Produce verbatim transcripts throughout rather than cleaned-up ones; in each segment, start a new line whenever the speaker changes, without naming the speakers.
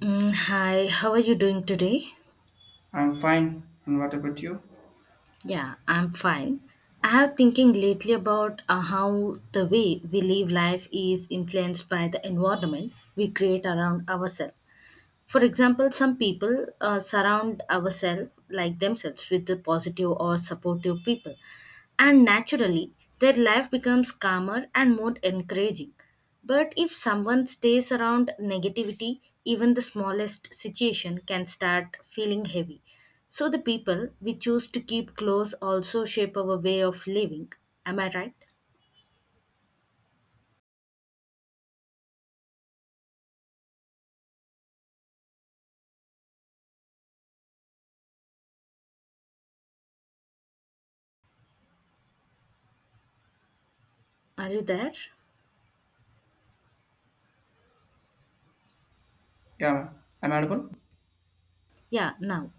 Mm, hi, how are you doing today?
I'm fine. And what about you?
Yeah, I'm fine. I have thinking lately about uh, how the way we live life is influenced by the environment we create around ourselves. For example, some people uh, surround ourselves like themselves with the positive or supportive people, and naturally their life becomes calmer and more encouraging. But if someone stays around negativity, even the smallest situation can start feeling heavy. So the people we choose to keep close also shape our way of living. Am I right? Are you there?
Yeah, ma'am. I'm audible.
Yeah, now.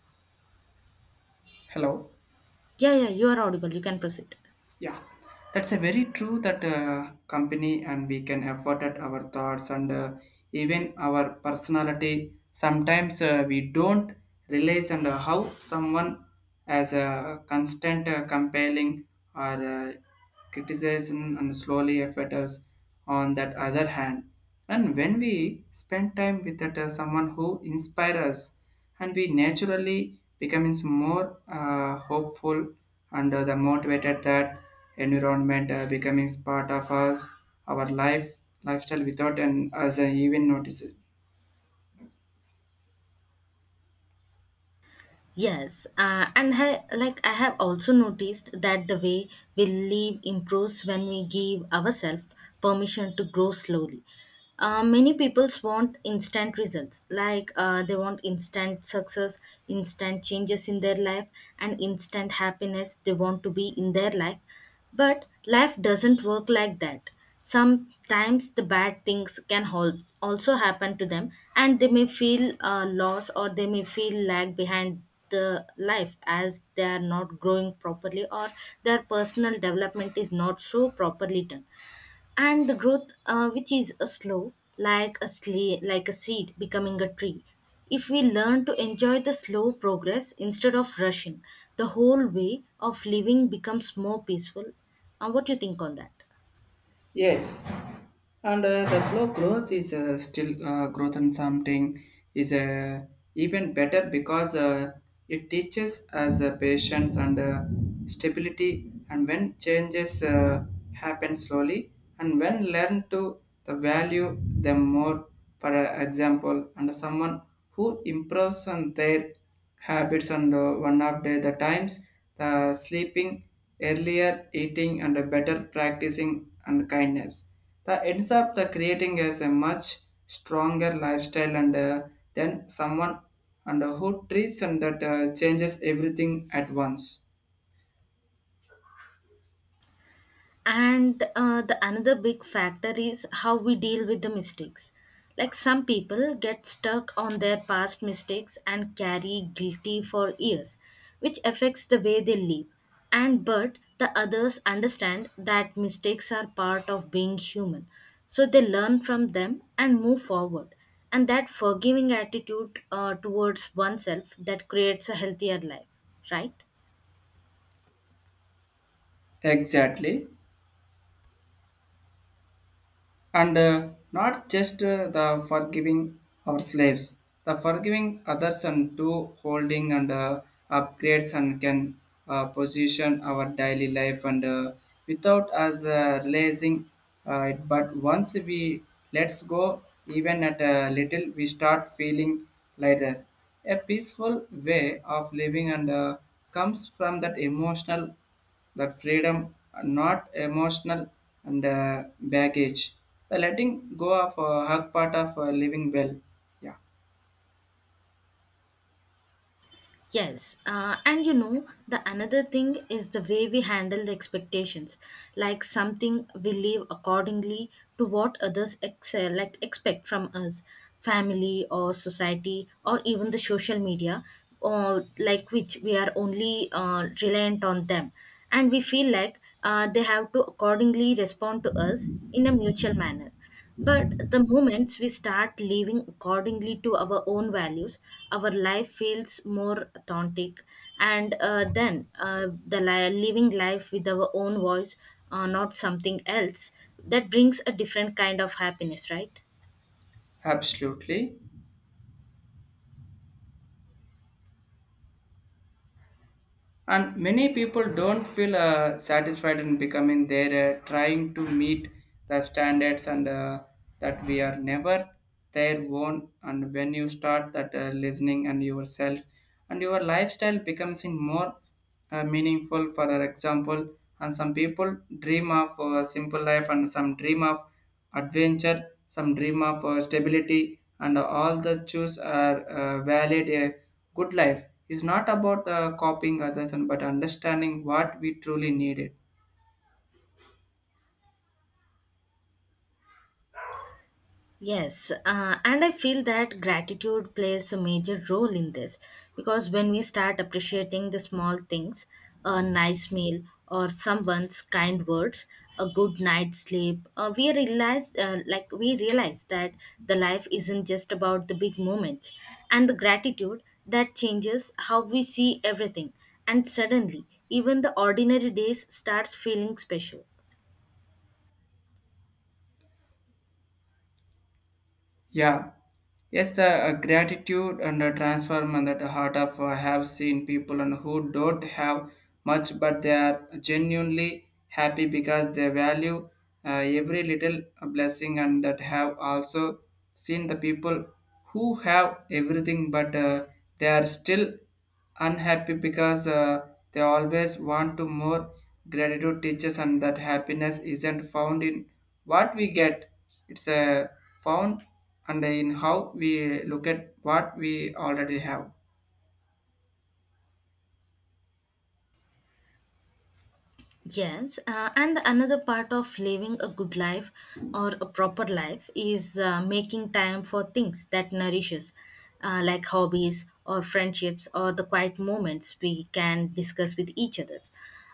Hello.
Yeah, yeah, you are audible. You can proceed.
Yeah, that's a very true that uh, company and we can afford at our thoughts and uh, even our personality. Sometimes uh, we don't realize and uh, how someone as a constant uh, compelling or uh, criticism and slowly affect us on that other hand. And when we spend time with that, uh, someone who inspires us and we naturally becomes more uh, hopeful and uh, the motivated that environment uh, becomes part of us our life lifestyle without and us uh, even notice it.
Yes, uh, and I, like I have also noticed that the way we live improves when we give ourselves permission to grow slowly. Uh, many people want instant results, like uh, they want instant success, instant changes in their life, and instant happiness they want to be in their life. But life doesn't work like that. Sometimes the bad things can hal- also happen to them, and they may feel uh, loss or they may feel lag behind the life as they are not growing properly or their personal development is not so properly done, and the growth uh, which is a slow like a sle- like a seed becoming a tree. If we learn to enjoy the slow progress instead of rushing, the whole way of living becomes more peaceful. Uh, what do you think on that?
Yes, and uh, the slow growth is uh, still uh, growth in something is uh, even better because uh, it teaches us uh, patience and uh, stability, and when changes uh, happen slowly and when learn to the value them more. For uh, example, and someone who improves on their habits and uh, one of the, the times the sleeping earlier, eating and a better practicing and kindness that ends up the creating as a much stronger lifestyle, and uh, then someone and uh, who treats and that uh, changes everything at once.
And uh, the another big factor is how we deal with the mistakes. Like some people get stuck on their past mistakes and carry guilty for years, which affects the way they live, and but the others understand that mistakes are part of being human, so they learn from them and move forward, and that forgiving attitude uh, towards oneself that creates a healthier life, right?
Exactly. And uh, not just uh, the forgiving our slaves, the forgiving others and to holding and uh, upgrades and can uh, position our daily life and uh, without us uh, realizing uh, it. But once we let's go even at a little, we start feeling lighter, a peaceful way of living, and uh, comes from that emotional, that freedom, not emotional and uh, baggage. The letting go of a hug part of uh, living well. Yeah,
Yes, uh, and you know, the another thing is the way we handle the expectations. Like something we live accordingly to what others excel, like expect from us, family or society, or even the social media, or like which we are only uh, reliant on them, and we feel like uh, they have to accordingly respond to us in a mutual manner. But the moments we start living accordingly to our own values, our life feels more authentic, and uh, then uh, the li- living life with our own voice, uh, not something else, that brings a different kind of happiness, right?
absolutely. And many people don't feel uh, satisfied in becoming there, uh, trying to meet the standards, and uh, that we are never their own. And when you start that uh, listening and yourself, and your lifestyle becomes in more uh, meaningful. For our example, and some people dream of uh, simple life, and some dream of adventure, some dream of uh, stability, and all the choose are uh, valid. A good life is not about uh, copying others and but understanding what we truly needed.
Yes, uh, and I feel that gratitude plays a major role in this because when we start appreciating the small things, a nice meal or someone's kind words, a good night's sleep, uh, we realize uh, like we realize that the life isn't just about the big moments, and the gratitude that changes how we see everything, and suddenly even the ordinary days starts feeling special.
Yeah. Yes, the uh, gratitude and the transform and the heart of uh, have seen people and who don't have much, but they are genuinely happy because they value uh, every little blessing, and that have also seen the people who have everything, but uh, they are still unhappy because uh, they always want to more. Gratitude teaches and that happiness isn't found in what we get. It's uh, found and in how we look at what we already have.
Yes, uh, and another part of living a good life or a proper life is uh, making time for things that nourishes, uh, like hobbies or friendships or the quiet moments we can discuss with each others.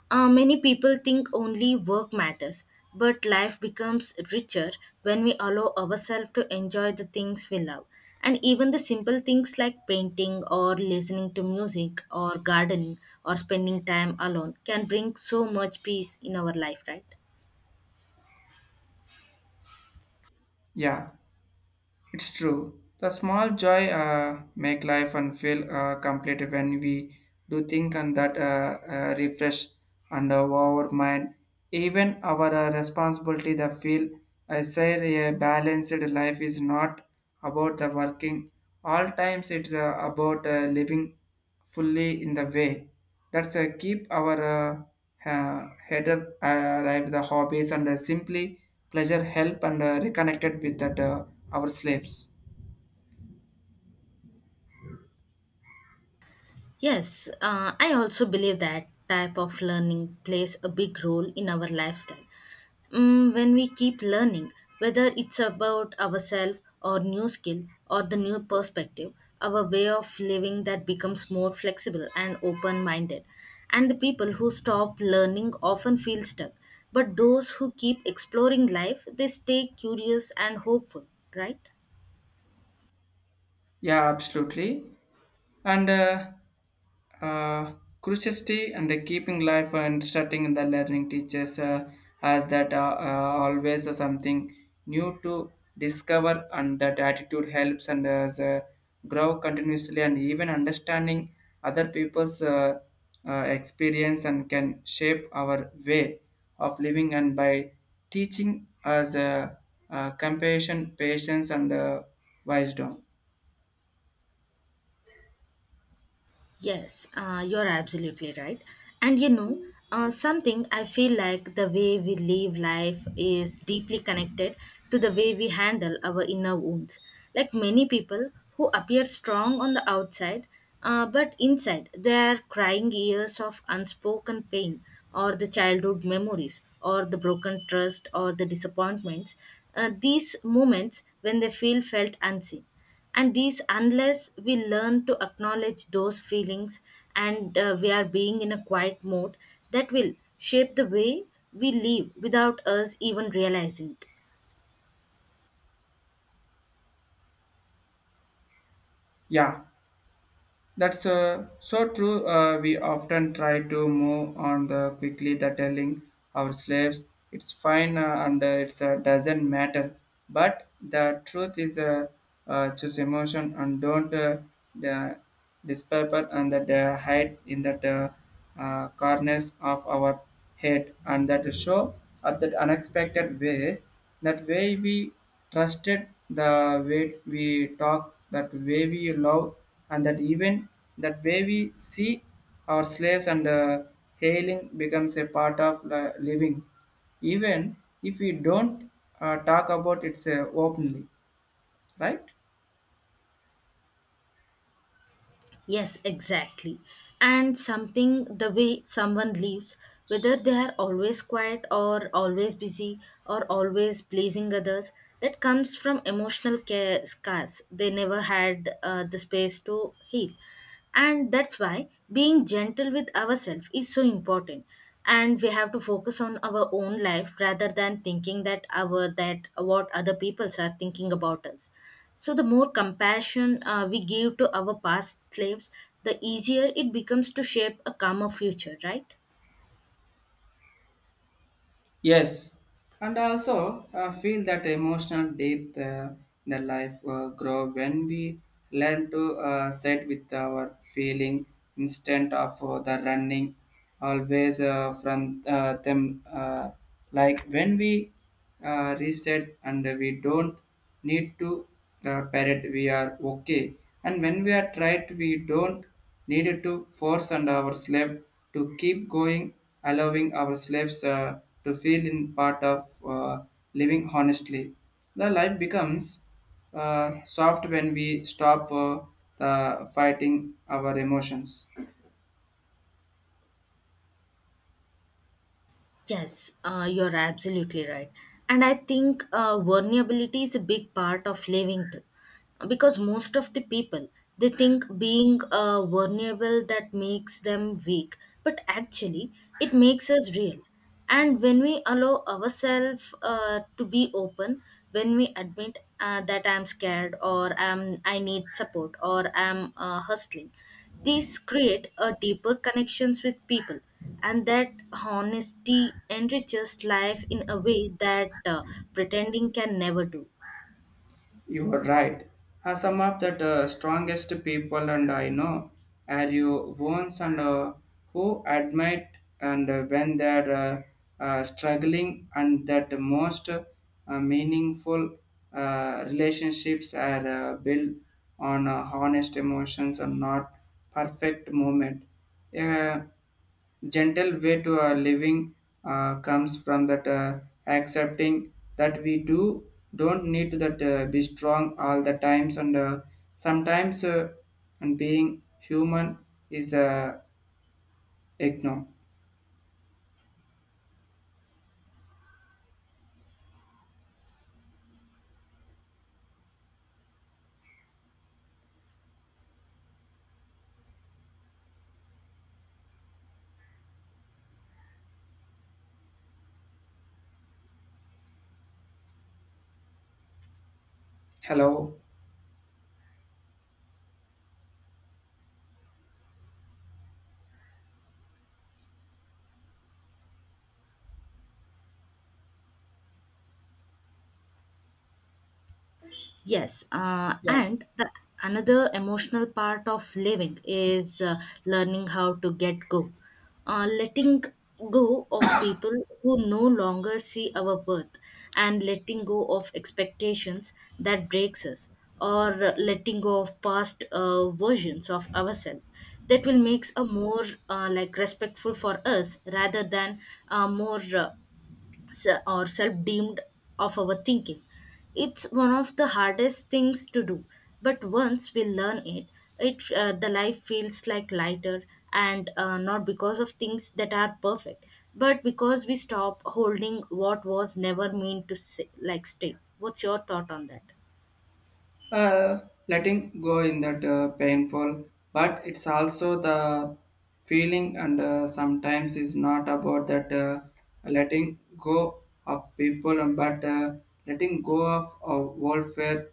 Uh, many people think only work matters, but life becomes richer when we allow ourselves to enjoy the things we love. And even the simple things like painting or listening to music or gardening or spending time alone can bring so much peace in our life, right?
Yeah, it's true. The small joy uh, make life and feel uh, complete when we do think and that uh, uh, refresh and uh, our mind. Even our uh, responsibility the feel. I say a balanced life is not about the working. All times it's uh, about uh, living fully in the way. That's a keep our uh, uh, header uh, alive, the hobbies and uh, simply pleasure help and uh, reconnected with that uh, our slaves.
Yes, uh, I also believe that type of learning plays a big role in our lifestyle. Mm, when we keep learning, whether it's about ourselves or new skill or the new perspective, our way of living that becomes more flexible and open-minded. And the people who stop learning often feel stuck, but those who keep exploring life, they stay curious and hopeful, right?
Yeah, absolutely. And uh, uh, curiosity and the keeping life and starting in the learning teaches uh, us that uh, uh, always uh, something new to discover, and that attitude helps and as uh, grow continuously, and even understanding other people's uh, uh, experience and can shape our way of living and by teaching us uh, uh, compassion, patience and uh, wisdom.
Yes, uh, you're absolutely right. And you know, uh, something I feel like the way we live life is deeply connected to the way we handle our inner wounds. Like many people who appear strong on the outside, uh, but inside they are crying years of unspoken pain or the childhood memories or the broken trust or the disappointments. Uh, these moments when they feel felt unseen, and these unless we learn to acknowledge those feelings and uh, we are being in a quiet mode, that will shape the way we live without us even realizing it.
Yeah, that's uh, so true. Uh, we often try to move on the quickly the telling our slaves it's fine uh, and uh, it uh, doesn't matter. But the truth is uh, uh, choose emotion and don't uh, the dispaper, and that uh, hide in that uh, uh, corners of our head and that show up that unexpected ways, that way we trusted, the way we talk, that way we love, and that even that way we see our slaves, and uh, hailing becomes a part of li- living, even if we don't uh, talk about it uh, openly, right?
Yes, exactly. And something the way someone lives, whether they are always quiet or always busy or always pleasing others, that comes from emotional care scars. They never had uh, the space to heal. And that's why being gentle with ourselves is so important. And we have to focus on our own life rather than thinking that our that what other people are thinking about us. So the more compassion uh, we give to our past slaves, the easier it becomes to shape a calmer future, right?
Yes, and I also uh, feel that emotional depth uh, in the life uh, grow when we learn to uh, sit with our feeling, instead of uh, the running always uh, from uh, them. Uh, like when we uh, reset, and we don't need to uh, parrot, we are okay. And when we are tried, we don't needed to force and our slave to keep going, allowing our slaves uh, to feel in part of uh, living honestly. The life becomes uh, soft when we stop uh, the fighting our emotions.
Yes, uh, you're absolutely right. And I think uh, vulnerability is a big part of living too. Because most of the people, they think being uh, vulnerable that makes them weak. But actually, it makes us real. And when we allow ourselves uh, to be open, when we admit uh, that I'm scared or um, I need support or I'm uh, hustling, these create a deeper connections with people, and that honesty enriches life in a way that uh, pretending can never do.
You are right. Uh, some of the uh, strongest people and I know are you ones and uh, who admit and uh, when they are uh, uh, struggling, and that most uh, meaningful uh, relationships are uh, built on uh, honest emotions and not perfect moment. Yeah, gentle way to our living uh, comes from that uh, accepting that we do don't need to that uh, be strong all the times, and uh, sometimes uh, and being human is uh, ignore. Hello?
Yes, uh,
Yeah,
and the another emotional part of living is uh, learning how to get go, uh, letting go of people who no longer see our worth, and letting go of expectations that breaks us, or letting go of past uh, versions of ourselves. That will makes a more uh, like respectful for us rather than uh, more uh, se- or self deemed of our thinking. It's one of the hardest things to do, but once we learn it, it uh, the life feels like lighter, and uh, not because of things that are perfect, but because we stop holding what was never meant to say, like stay. What's your thought on that?
uh, letting go in that uh, painful, but it's also the feeling, and uh, sometimes is not about that uh, letting go of people and but uh, letting go of our welfare,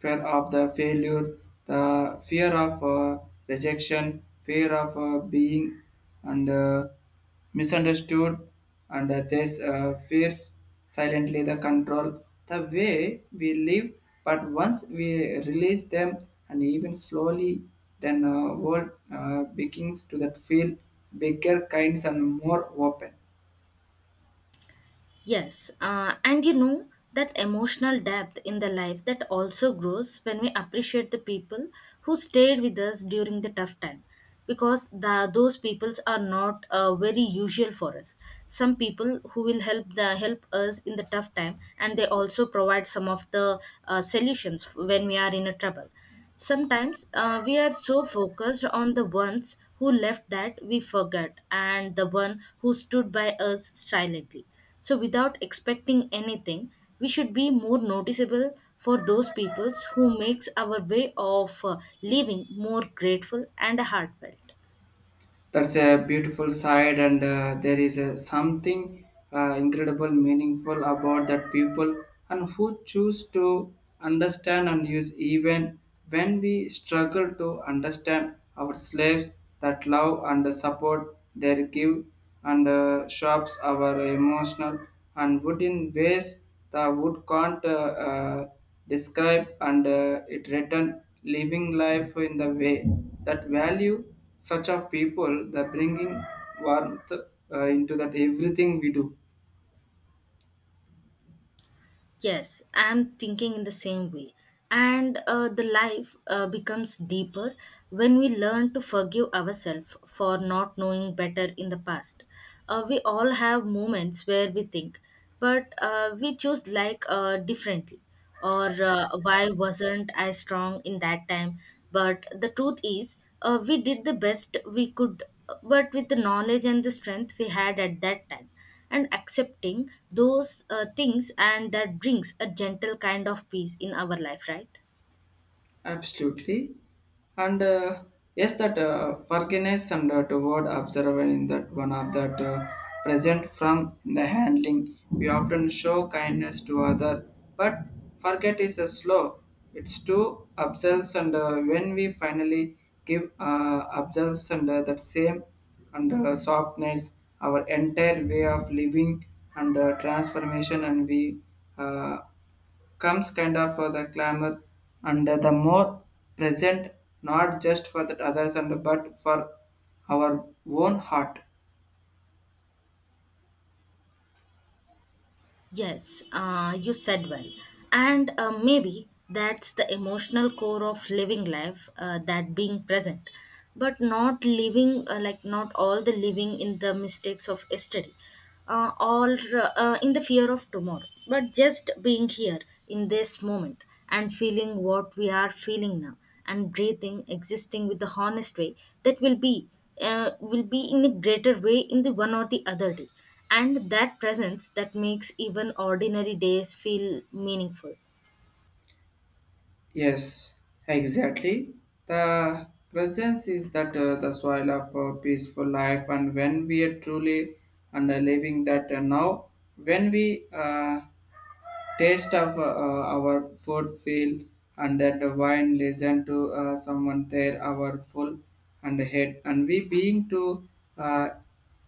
fear of the failure, the fear of uh, rejection, fear of uh, being and uh, misunderstood, and uh, this uh, fears silently the control the way we live. But once we release them and even slowly, then uh, world uh, begins to that feel bigger kinds and more open.
Yes, uh, and you know that emotional depth in the life that also grows when we appreciate the people who stayed with us during the tough time, because the, those peoples are not uh, very usual for us. Some people who will help the help us in the tough time, and they also provide some of the uh, solutions when we are in a trouble. Sometimes uh, we are so focused on the ones who left that we forget and the one who stood by us silently. So, without expecting anything, we should be more noticeable for those peoples who makes our way of uh, living more grateful and heartfelt.
That's a beautiful side, and uh, there is a something uh, incredible meaningful about that people and who choose to understand and use even when we struggle to understand our slaves. That love and support they give and uh, shapes our emotional and wood in ways the wood can't uh, uh, describe, and uh, it return living life in the way that value such of people, the bringing warmth uh, into that everything we do.
Yes, I'm thinking in the same way. And uh, the life uh, becomes deeper when we learn to forgive ourselves for not knowing better in the past. Uh, we all have moments where we think, but uh, we choose like uh, differently. Or uh, why wasn't I strong in that time? But the truth is, uh, we did the best we could, but with the knowledge and the strength we had at that time, and accepting those uh, things, and that brings a gentle kind of peace in our life, right?
Absolutely. And uh, yes, that uh, forgiveness and uh, toward observing in that one of that uh, present from in the handling. We often show kindness to other, but forget is a slow. It's to observes, and uh, when we finally give uh, observes and uh, that same and uh, softness, our entire way of living and uh, transformation and we uh, comes kind of for the clamor, and the more present, not just for the others and but for our own heart.
Yes, uh, you said well. And uh, maybe that's the emotional core of living life, uh, that being present, but not living uh, like not all the living in the mistakes of yesterday, uh, or uh, uh, in the fear of tomorrow, but just being here in this moment and feeling what we are feeling now and breathing, existing with the honest way that will be uh, will be in a greater way in the one or the other day, and that presence that makes even ordinary days feel meaningful.
Yes, exactly. The presence is that uh, the soil of a peaceful life, and when we are truly and uh, living that uh, now, when we uh, taste of uh, uh, our food field, and that the wine listen to uh, someone there our full and head, and we being to uh,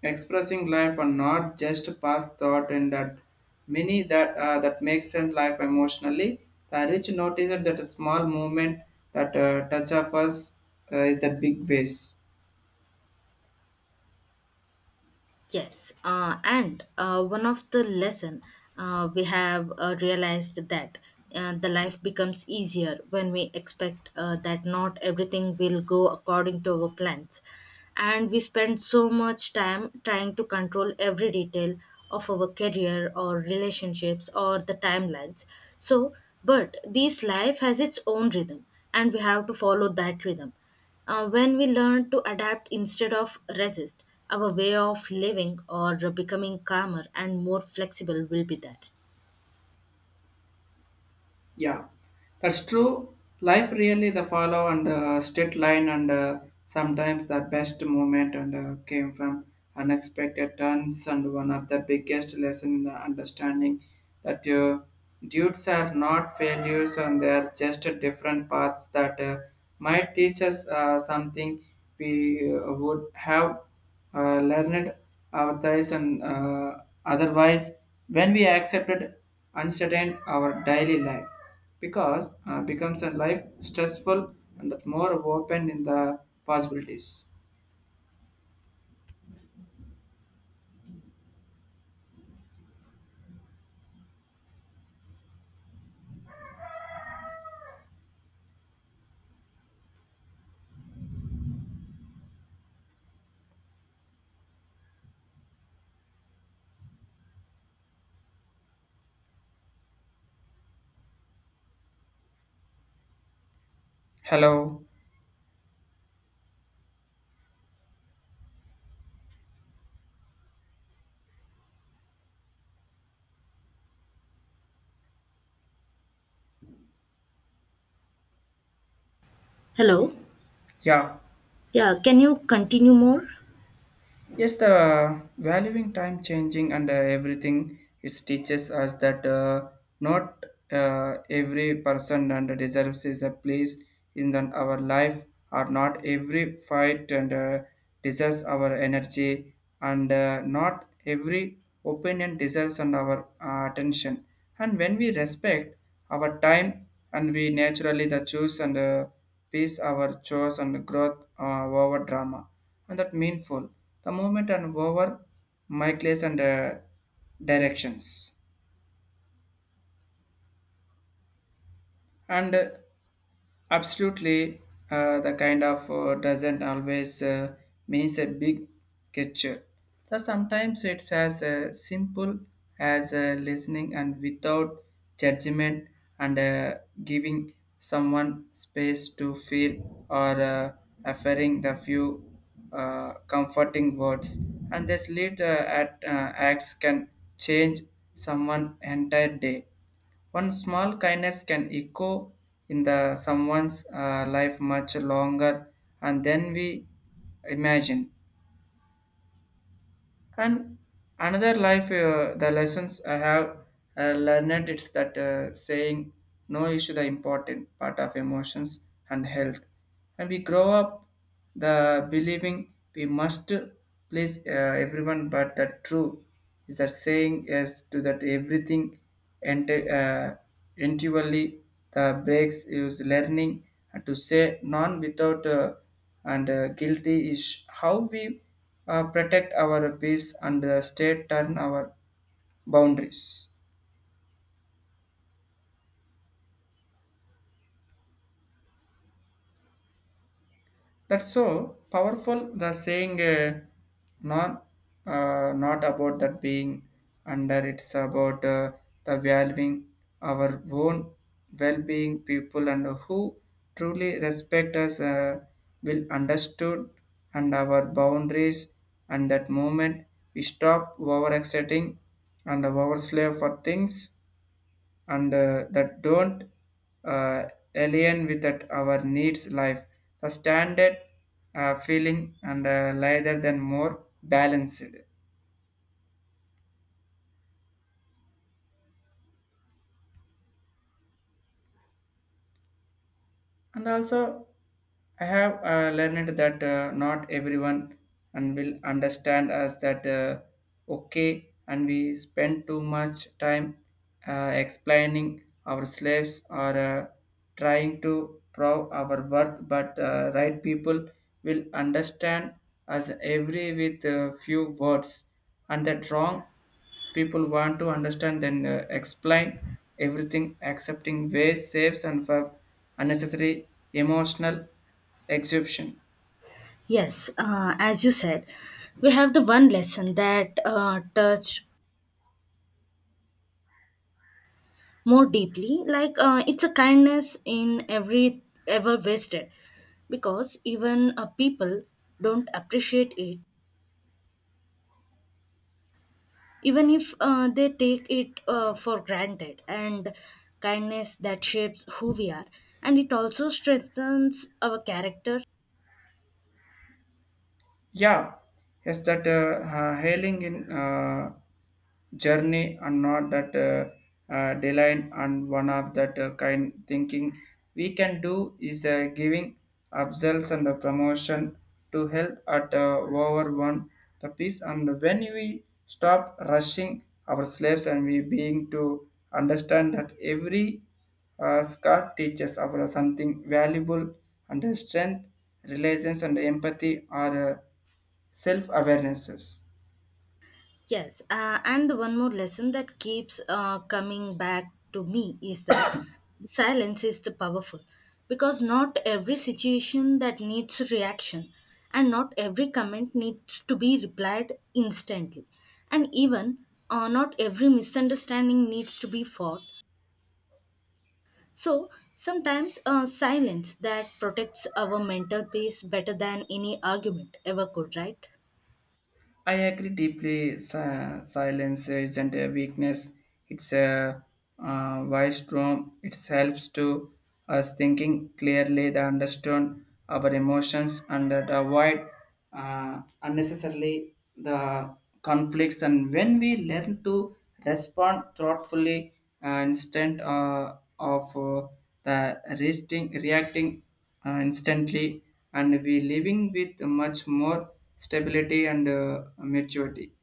expressing life and not just past thought, and that many that uh, that makes sense life emotionally, the rich notice that a small movement that uh, touch of us uh, is the big ways.
Yes, uh, and uh, one of the lesson uh, we have uh, realized that uh, the life becomes easier when we expect uh, that not everything will go according to our plans, and we spend so much time trying to control every detail of our career or relationships or the timelines. So, but this life has its own rhythm, and we have to follow that rhythm uh, when we learn to adapt instead of resist, our way of living or becoming calmer and more flexible will be there.
Yeah, that's true. Life really the follow and uh, straight line, and uh, sometimes the best moment and uh, came from unexpected turns. And one of the biggest lesson in the understanding that uh, dudes are not failures, and they are just a different paths that uh, might teach us uh, something we uh, would have uh, learned our and uh, otherwise, when we accepted uncertain our daily life, because uh, becomes a life stressful and more open in the possibilities. Hello?
Hello.
Yeah,
Yeah, can you continue more?
yes, the valuing time changing and uh, everything, it teaches us that uh, not uh, every person and deserves is a place in the, our life, or not every fight and uh, deserves our energy, and uh, not every opinion deserves and our uh, attention. And when we respect our time, and we naturally the choose and uh, peace our chores and growth uh, over drama, and that meaningful. The movement and over my place and uh, directions. And uh, absolutely, uh, the kind of uh, doesn't always uh, means a big gesture. So sometimes it's as uh, simple as uh, listening and without judgment, and uh, giving someone space to feel, or uh, offering the few uh, comforting words. And this lead uh, at, uh, acts can change someone entire day. One small kindness can echo in the someone's uh, life much longer and then we imagine. And another life, uh, the lessons I have uh, learned it's that uh, saying no issue the important part of emotions and health. And we grow up the believing we must please uh, everyone, but the true is that saying yes to that everything and uh, intuitively the breaks is learning to say non without uh, and uh, guilty is how we uh, protect our peace and the state turn our boundaries. That's so powerful. The saying, uh, not uh, not about that being under. It's about uh, the valuing our own well-being. People and who truly respect us uh, will understood and our boundaries. And that moment we stop over accepting and over slave for things and uh, that don't uh, alien with that our needs life, the standard uh, feeling and uh, rather than more balanced. And also, I have uh, learned that uh, not everyone and will understand us that uh, okay, and we spend too much time uh, explaining our slaves or uh, trying to prove our worth. But uh, right people will understand us every with uh, few words, and that wrong people want to understand then uh, explain everything, accepting ways, saves, and for unnecessary emotional exhaustion.
Yes, uh, as you said, we have the one lesson that uh, touched more deeply. Like uh, it's a kindness in every ever wasted, because even uh, people don't appreciate it, even if uh, they take it uh, for granted, and kindness that shapes who we are, and it also strengthens our character.
Yeah, yes, that uh, uh, hailing in uh, journey and not that uh, uh, deadline, and one of that uh, kind thinking we can do is uh, giving ourselves and the promotion to health at uh, over one the peace, and when we stop rushing our slaves and we being to understand that every uh, Scott teaches about something valuable and strength, reliance and empathy are uh, self-awarenesses.
Yes, uh, and the one more lesson that keeps uh, coming back to me is that silence is the powerful, because not every situation that needs reaction, and not every comment needs to be replied instantly, and even uh, not every misunderstanding needs to be fought. So sometimes uh, silence that protects our mental peace better than any argument ever could, right?
I agree deeply. Si- silence isn't a weakness; it's a uh, wise storm. It helps to us thinking clearly, to understand our emotions, and that avoid uh, unnecessarily the conflicts. And when we learn to respond thoughtfully, uh, instead uh, of uh, the resting, reacting uh, instantly, and we living with much more stability and uh, maturity.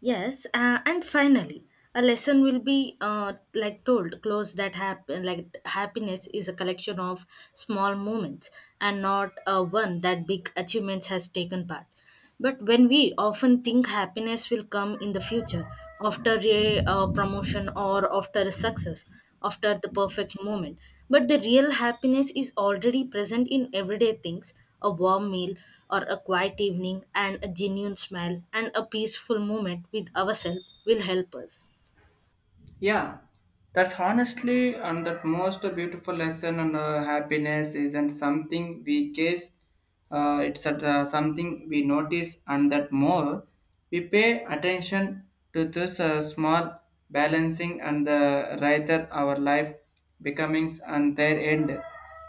Yes, uh, and finally, a lesson will be uh, like told close that happen like happiness is a collection of small moments, and not uh, one that big achievements has taken part. But when we often think happiness will come in the future after a uh, promotion or after a success, after the perfect moment, but the real happiness is already present in everyday things: a warm meal or a quiet evening and a genuine smile and a peaceful moment with ourselves will help us.
Yeah, that's honestly and that most beautiful lesson on uh, happiness isn't something we chase. Uh, it's at, uh, something we notice, and that more we pay attention to this uh, small balancing and the rather our life becomings and their end.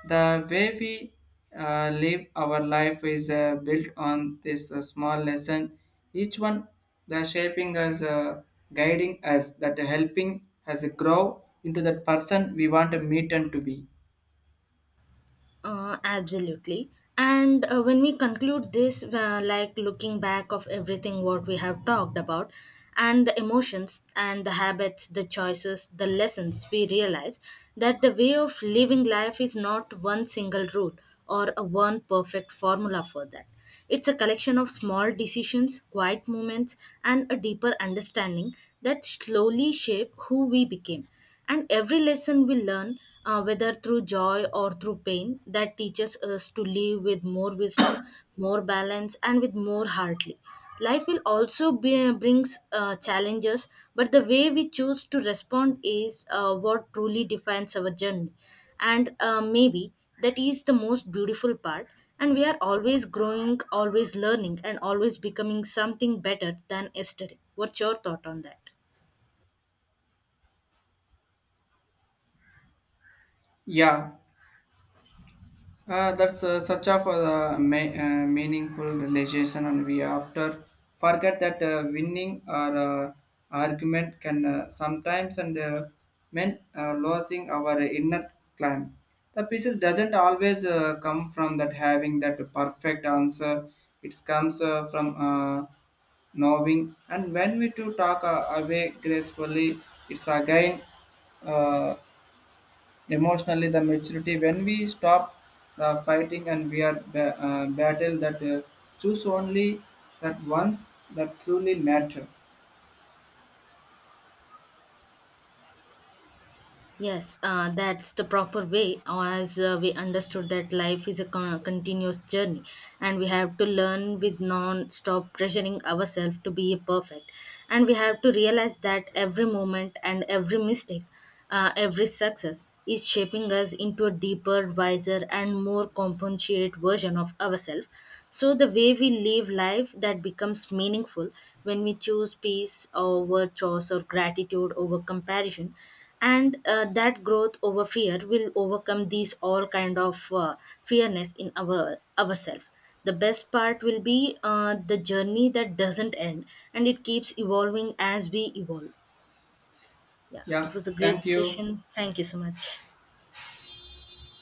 The way we uh, live our life is uh, built on this uh, small lesson. Each one the shaping as uh, guiding us that helping us grow into that person we want to meet and to be.
Uh, absolutely. And uh, when we conclude this, uh, like looking back of everything what we have talked about, and the emotions and the habits, the choices, the lessons, we realize that the way of living life is not one single rule or a one perfect formula for that. It's a collection of small decisions, quiet moments, and a deeper understanding that slowly shape who we became. And every lesson we learn, uh, whether through joy or through pain, that teaches us to live with more wisdom, more balance, and with more heartly. Life will also be, uh, brings uh, challenges, but the way we choose to respond is uh, what truly defines our journey, and uh, maybe that is the most beautiful part, and we are always growing, always learning, and always becoming something better than yesterday. What's your thought on that?
Yeah, uh, that's uh, such of a uh, ma- uh, meaningful realization, and we after forget that uh, winning our uh, argument can uh, sometimes and uh, mean uh, losing our inner climb. The pieces doesn't always uh, come from that having that perfect answer. It comes uh, from uh, knowing, and when we to talk uh, away gracefully, it's again uh, emotionally the maturity. When we stop the fighting and we are ba- uh, battle that uh, choose only that once that truly matter.
Yes, uh, that's the proper way, as uh, we understood that life is a con- continuous journey, and we have to learn with non-stop pressuring ourselves to be perfect, and we have to realize that every moment and every mistake, uh, every success is shaping us into a deeper, wiser, and more compassionate version of ourselves. So the way we live life that becomes meaningful when we choose peace over chores or gratitude over comparison, and uh, that growth over fear will overcome these all kind of uh, fearness in our ourself. The best part will be uh, the journey that doesn't end, and it keeps evolving as we evolve. Yeah,
Yeah,
it was a great
thank you.
session. Thank you so much.